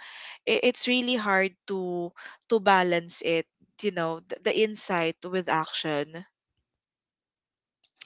Speaker 2: it's really hard to balance it, you know, the insight with action.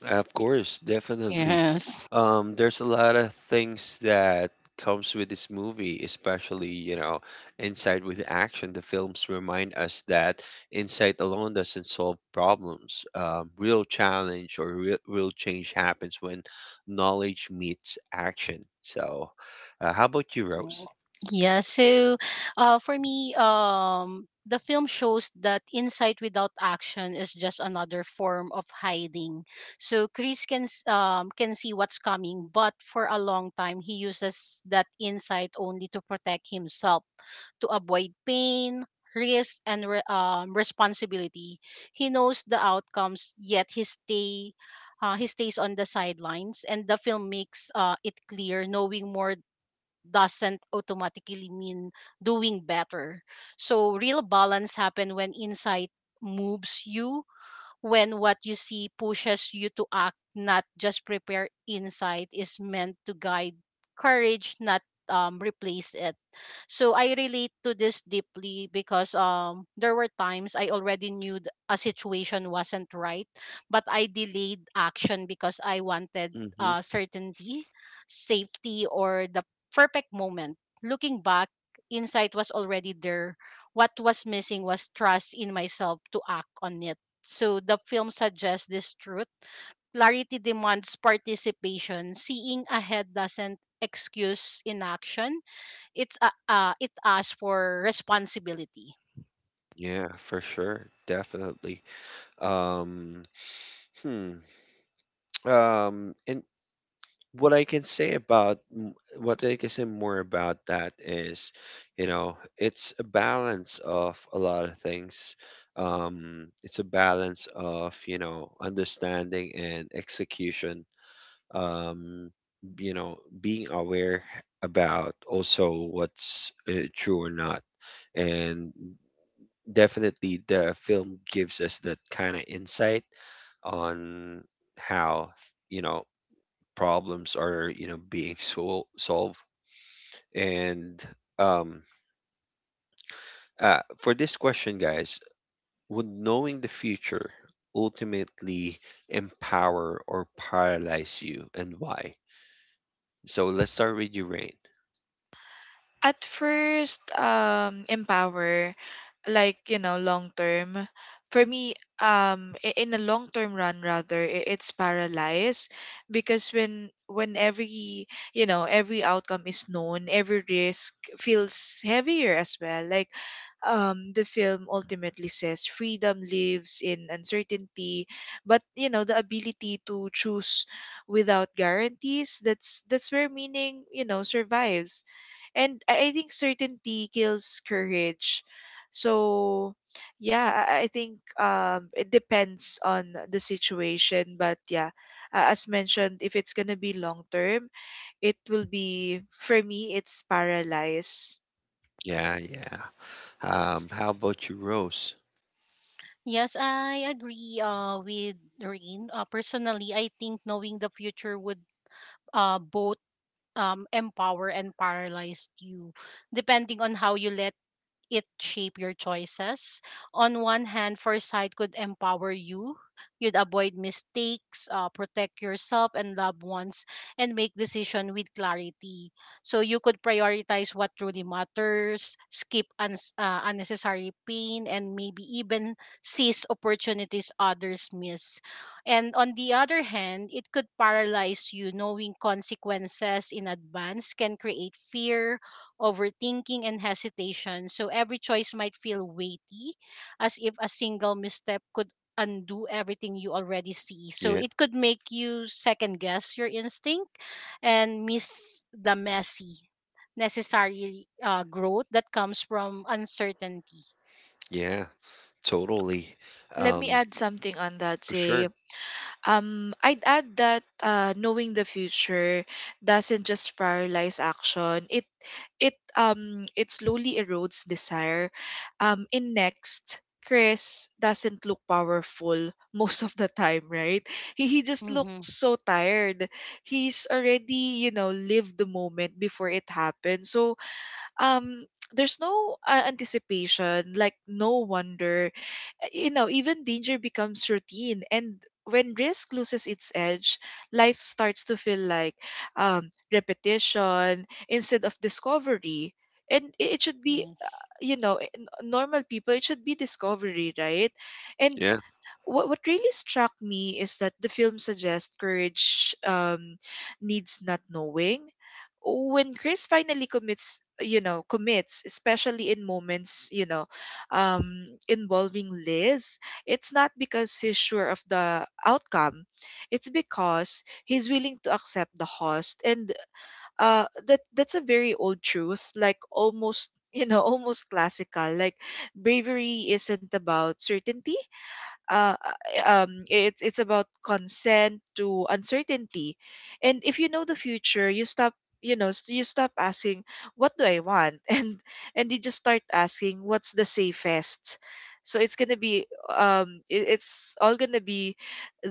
Speaker 1: Of course, definitely.
Speaker 3: Yes.
Speaker 1: There's a lot of things that comes with this movie, especially, you know, Inside with Action. The films remind us that insight alone doesn't solve problems. Real challenge or real change happens when knowledge meets action. So, how about you, Rose?
Speaker 3: Mm, Yeah, so for me, the film shows that insight without action is just another form of hiding. So Chris can see what's coming, but for a long time he uses that insight only to protect himself, to avoid pain, risk, and responsibility. He knows the outcomes, yet he stays on the sidelines, and the film makes it clear, knowing more doesn't automatically mean doing better. So real balance happen when insight moves you when what you see pushes you to act, not just prepare insight is meant to guide courage, not replace it. So I relate to this deeply because there were times I already knew a situation wasn't right, but I delayed action because I wanted
Speaker 1: Mm-hmm.
Speaker 3: certainty, safety, or the perfect moment. Looking back, insight was already there. What was missing was trust in myself to act on it. So the film suggests this truth. Clarity demands participation. Seeing ahead doesn't excuse inaction. It asks for responsibility.
Speaker 1: Yeah, for sure. Definitely. Um, hmm. In what I can say about m- what I can say more about that is, you know, it's a balance of a lot of things. It's a balance of, you know, understanding and execution. Um, you know, being aware about also what's true or not, and definitely the film gives us that kind of insight on how, you know, problems are, you know, being <laughs> solved, and um for this question, guys, would knowing the future ultimately empower or paralyze you, and why? So let's start with you, Rain.
Speaker 2: At first, empower, like, you know, long term. For me, in a long term run, rather, it's paralyzed because when every, you know, every outcome is known, every risk feels heavier as well. Like, the film ultimately says freedom lives in uncertainty, but, you know, the ability to choose without guarantees. That's where meaning, you know, survives. And I think certainty kills courage. So yeah, I think it depends on the situation, but yeah, as mentioned, if it's gonna be long term, it will be, for me, it's paralyzed.
Speaker 1: Yeah, yeah. How about you, Rose?
Speaker 3: Yes, I agree with Rain. Personally, I think knowing the future would both empower and paralyze you, depending on how you let it shape your choices. On one hand, foresight could empower you. You'd avoid mistakes, protect yourself and loved ones, and make decision with clarity. So you could prioritize what truly matters, skip uns unnecessary pain, and maybe even seize opportunities others miss. And on the other hand, it could paralyze you. Knowing consequences in advance can create fear, overthinking, and hesitation. So every choice might feel weighty, as if a single misstep could undo everything you already see. So
Speaker 1: Yeah,
Speaker 3: it could make you second guess your instinct and miss the messy, necessary growth that comes from uncertainty.
Speaker 1: yeah, totally.
Speaker 2: Let me
Speaker 1: Um,
Speaker 2: add something on that,
Speaker 1: for sure.
Speaker 2: say, I'd add that knowing the future doesn't just paralyze action. It it slowly erodes desire. In Next, Chris doesn't look powerful <laughs> most of the time, right? He just
Speaker 3: Mm-hmm.
Speaker 2: looks so tired. He's already, you know, lived the moment before it happened. So um. <tsk> There's no anticipation, like no wonder, you know, even danger becomes routine. And when risk loses its edge, life starts to feel like repetition instead of discovery. And it should be,
Speaker 3: Yes.
Speaker 2: you know, normal people, it should be discovery, right? And
Speaker 1: Yeah,
Speaker 2: what really struck me is that the film suggests courage needs not knowing. When Chris finally commits, you know, commits, especially in moments, you know, involving Liz, it's not because he's sure of the outcome. It's because he's willing to accept the cost. And that that's a very old truth, like almost, you know, <laughs> almost classical. Like bravery isn't about certainty, uh, it's about consent to uncertainty. And if you know the future, you stop, you know, you stop asking, what do I want, <laughs> and you just start asking, what's the safest. So it's gonna be it's all gonna be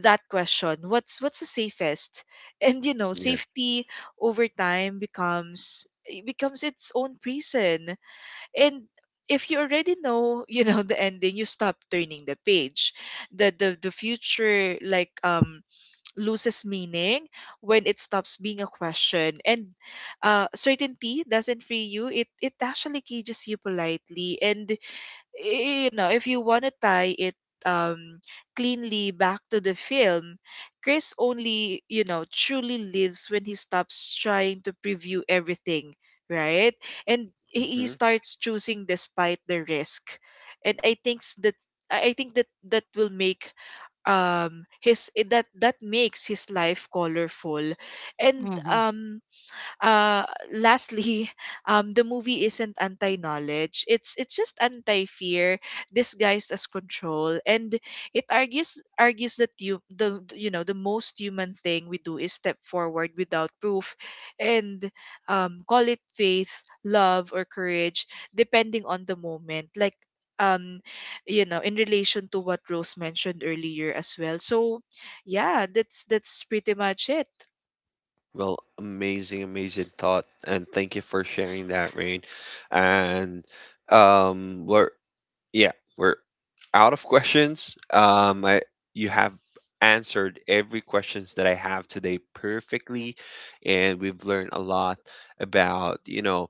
Speaker 2: that question. What's the safest? <laughs> And, you know,
Speaker 1: yeah.
Speaker 2: safety over time becomes, it becomes its own prison. And if you already know, <laughs> you know, the ending, you stop turning the page. The, the future, like, loses meaning when it stops being a question. And certainty doesn't free you, it actually cages you politely. And, you know, if you want to tie it um, cleanly back to the film, Chris only, you know, truly lives when he stops trying to preview everything, right? And he
Speaker 1: Hmm.
Speaker 2: starts choosing despite the risk. And I think s- that I think that that will make that that makes his life colorful. And
Speaker 3: Mm-hmm.
Speaker 2: uh lastly, <laughs> the movie isn't anti knowledge it's just anti fear disguised as control. And it argues, that you know, the most human thing we do is step forward without proof. And call it faith, love, or courage depending on the moment, like, um you know, in relation to what Rose mentioned earlier as well. So yeah, that's pretty much it.
Speaker 1: Well, amazing, amazing thought, and thank you for sharing that, Rain. And we're yeah, we're out of questions. I, you have answered every questions that I have today perfectly, and we've learned a lot about, you know,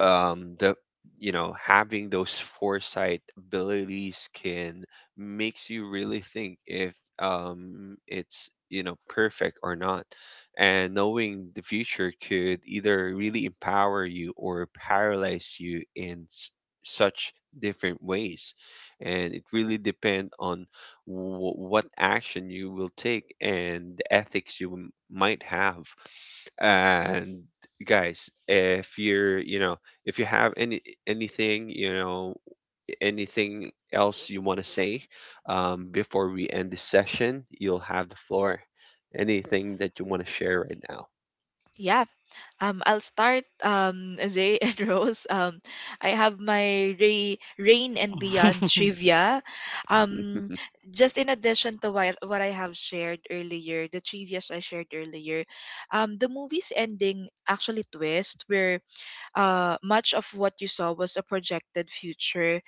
Speaker 1: the, you know, having those foresight abilities can makes you really think if, it's, you know, perfect or not, and knowing the future could either really empower you or paralyze you in such different ways, and it really depend on what action you will take, and the ethics you might have. And guys, if you're, you know, if you have any anything, you know, anything else you want to say, before we end this session, you'll have the floor. Anything that you want to share right now?
Speaker 2: Yeah. I'll start, Zay and <laughs> Rose. I have my Ray, Rain and Beyond trivia. Um,
Speaker 1: <laughs>
Speaker 2: just in addition to what I have shared earlier, the trivias I shared earlier, the movie's ending actually twist where much of what you saw was a projected future,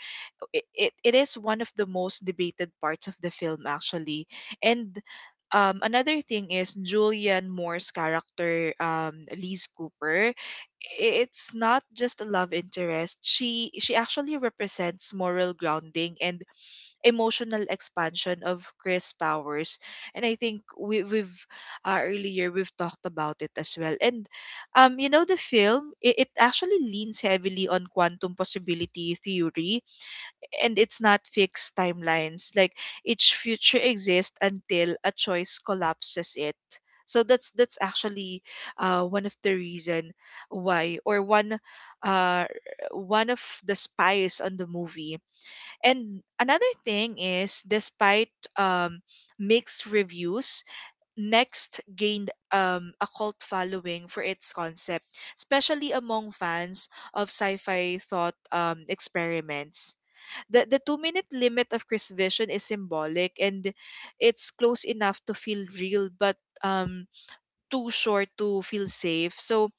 Speaker 2: it is one of the most debated parts of the film actually. And another thing is Julianne Moore's character, Liz Cooper. It's not just a love interest. She actually represents moral grounding and emotional expansion of Chris Powers. And I think we we've earlier we've talked about it as well. And you know, the film, it actually leans heavily on quantum possibility theory, and it's not fixed timelines. Like each future exists until a choice collapses it. So that's actually one of the reason why, or uh, one of the spies on the movie. And another thing is, despite um, mixed reviews, Next gained a cult following for its concept, especially among fans of sci-fi thought experiments. The 2 minute limit of Chris Vision is symbolic, and it's close enough to feel real, but too short to feel safe. So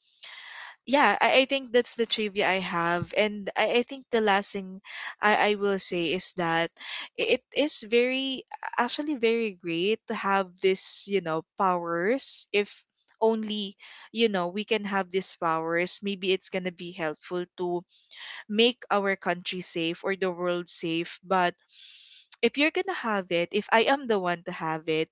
Speaker 2: yeah, I think that's the trivia I have. And I think the last thing I will say is that it is very, actually very great to have this, you know, powers, if only, you know, we can have these powers. Maybe it's going to be helpful to make our country safe or the world safe. But if you're gonna have it, if I am the one to have it,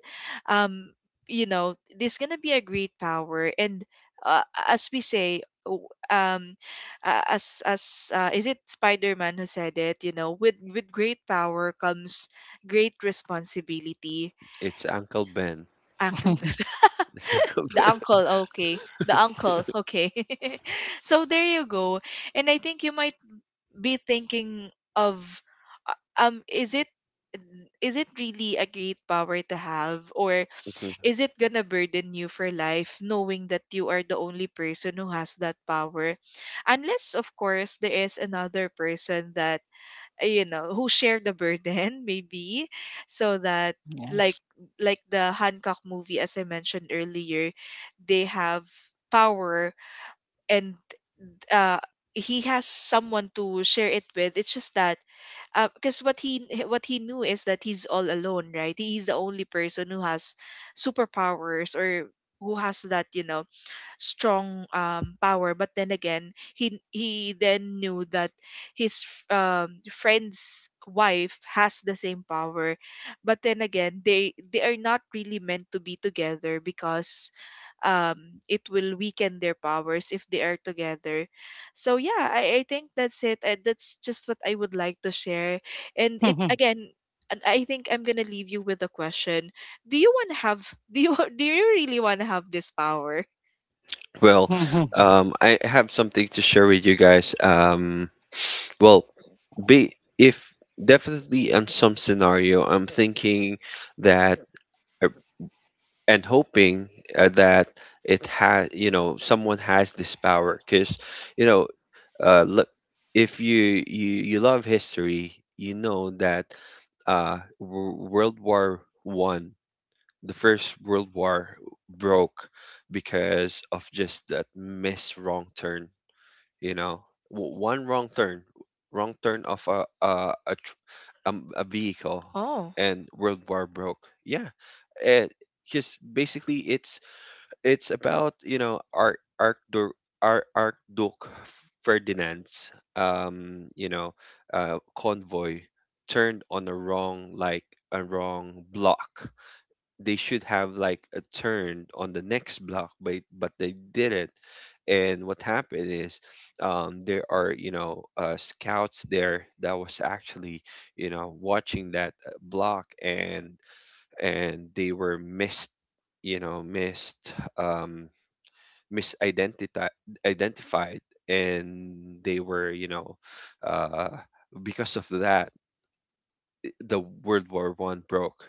Speaker 2: um, you know, there's gonna be a great power. And uh, as we say, um, as is it Spider Man who said it? You know, with great power comes great responsibility.
Speaker 1: It's Uncle Ben.
Speaker 2: Uncle Ben,
Speaker 3: <laughs>
Speaker 2: <laughs>
Speaker 1: It's Uncle
Speaker 2: the
Speaker 1: Ben. <laughs>
Speaker 2: uncle, okay, the uncle, okay. <laughs> So there you go. And I think you might be thinking of uh, is it, is it really a great power to have, or
Speaker 1: Mhm.
Speaker 2: is it gonna burden you for life knowing that you are the only person who has that power, unless, of course, there is another person that you know, who share the burden, <laughs> maybe, so that, like
Speaker 3: Yes.
Speaker 2: like the Hancock movie, as I mentioned earlier, they have power. And uh, he has someone to share it with. It's just that because what he knew is that he's all alone, right? He's the only person who has superpowers, or who has that, you know, strong power. But then again, he then knew that his friend's wife has the same power. But then again, they are not really meant to be together because um it will weaken their powers if they are together. So yeah, I think that's it. That's just what I would like to share. And it,
Speaker 3: <laughs>
Speaker 2: again, and I think I'm gonna leave you with a question. Do you <laughs> do you really want to have this power?
Speaker 1: Well,
Speaker 3: Mm-hmm.
Speaker 1: I have something to share with you guys. Well, be if, definitely, on some scenario, I'm thinking that uh, and hoping that it has, you know, someone has this power. Because, you know, look, if you, you love history, you know that, world war one, the first world war, broke because of just that miss wrong turn, you know. One wrong turn, wrong turn of a vehicle,
Speaker 2: Oh,
Speaker 1: and world war broke. Yeah. And because basically it's about, you know, Ar Archduke Ar Archduke Ferdinand's, you know, convoy, turned on a wrong block. They should have like a turn on the next block, but they didn't. And what happened is, there are, you know, scouts there that was actually, you know, watching that, block, and they were missed you know missed misidentified, identified, and they were, you know, uh, because of that, the world war one broke,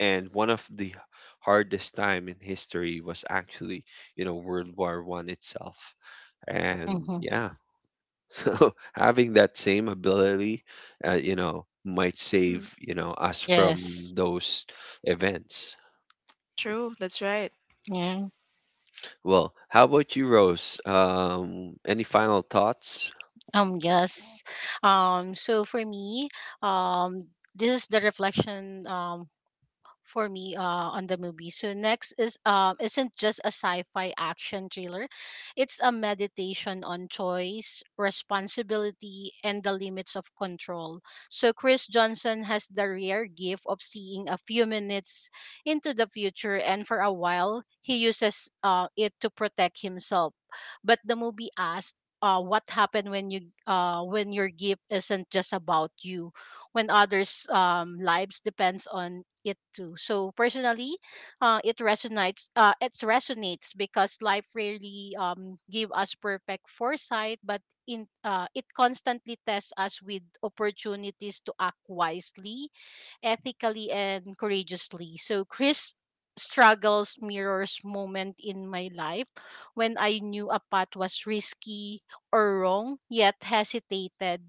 Speaker 1: and one of the hardest time in history was actually, you know, world war one itself. And yeah, <laughs> so having that same ability, you know, might save,
Speaker 2: mm,
Speaker 1: you know, us from
Speaker 3: Yes.
Speaker 1: those events.
Speaker 2: true. That's right.
Speaker 3: Yeah.
Speaker 1: Well, how about you, Rose? Um, any final thoughts?
Speaker 3: Yes. So for me, um, this is the reflection for me on the movie. So next is isn't just a sci-fi action thriller. It's a meditation on choice, responsibility, and the limits of control. So Chris Johnson has the rare gift of seeing a few minutes into the future, and for a while he uses it to protect himself. But the movie asks what happened when you when your gift isn't just about you, when others' lives depends on it too. So personally, it resonates. It resonates because life rarely give us perfect foresight, but in it constantly tests us with opportunities to act wisely, ethically, and courageously. So Chris struggles mirrors moment in my life when I knew a path was risky or wrong, yet hesitated,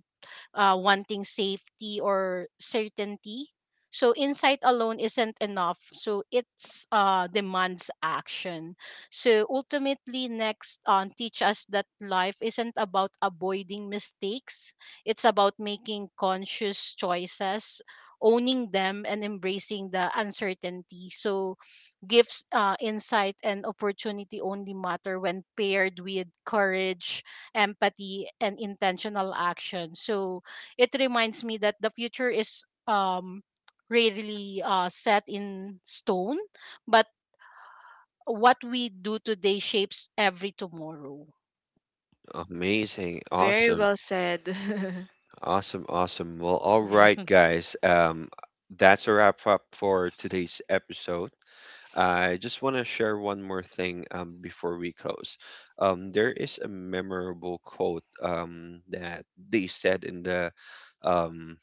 Speaker 3: wanting safety or certainty. So insight alone isn't enough. So it's demands action. So ultimately, next teach us that life isn't about avoiding mistakes. It's about making conscious choices, owning them, and embracing the uncertainty. So gifts, insight, and opportunity only matter when paired with courage, empathy, and intentional action. So it reminds me that the future is rarely set in stone, but what we do today shapes every tomorrow.
Speaker 1: Amazing,
Speaker 2: Very
Speaker 1: awesome.
Speaker 2: well said. <laughs>
Speaker 1: Awesome, awesome. Well, all
Speaker 3: Yeah.
Speaker 1: right, guys. That's a wrap up for today's episode. I just want to share one more thing before we close. There is a memorable quote that they said in um,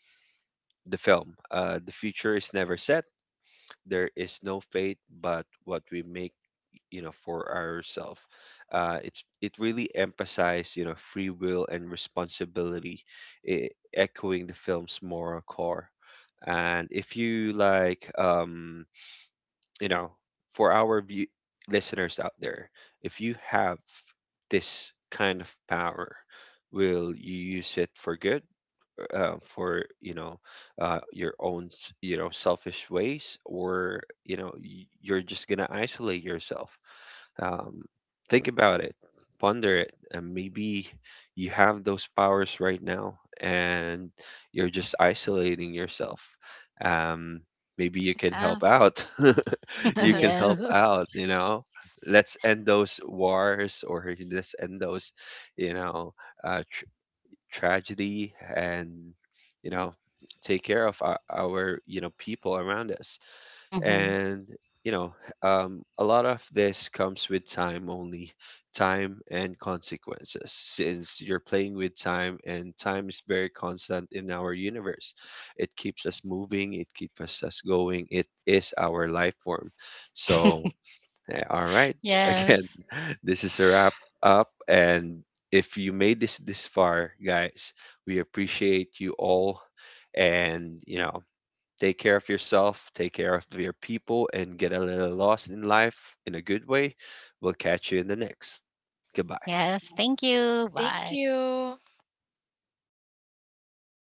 Speaker 1: the film. The future is never set. There is no fate, but what we make, you know, for ourselves. It's it really emphasized, you know, free will and responsibility, e- echoing the film's moral core. And if you like, you know, for our listeners out there, if you have this kind of power, will you use it for good, for, you know, your own you know, selfish ways, or, you know, you're just gonna isolate yourself? um, think about it, ponder it, and maybe you have those powers right now, and you're just isolating yourself. Um, Maybe you can
Speaker 2: Yeah.
Speaker 1: help out. <laughs>
Speaker 3: <laughs>
Speaker 1: You can
Speaker 2: <laughs>
Speaker 1: help
Speaker 3: Yes.
Speaker 1: out, you know. Let's end those wars, or let's end those, you know, tr tragedy, and, you know, take care of our, you know, people around us,
Speaker 3: Hmm.
Speaker 1: and you know, a lot of this comes with time. Only time and consequences, since you're playing with time, and time is very constant in our universe. It keeps us moving, it keeps us going, it is our life form. So, all right, <laughs> again,
Speaker 3: Yes.
Speaker 1: this is a wrap up, and if you made this far, guys, we appreciate you all, and you know, take care of yourself, take care of your people, and get a little lost in life in a good way. We'll catch you in the next. Goodbye.
Speaker 3: Yes. Thank you.
Speaker 2: Thank
Speaker 3: Bye.
Speaker 2: you.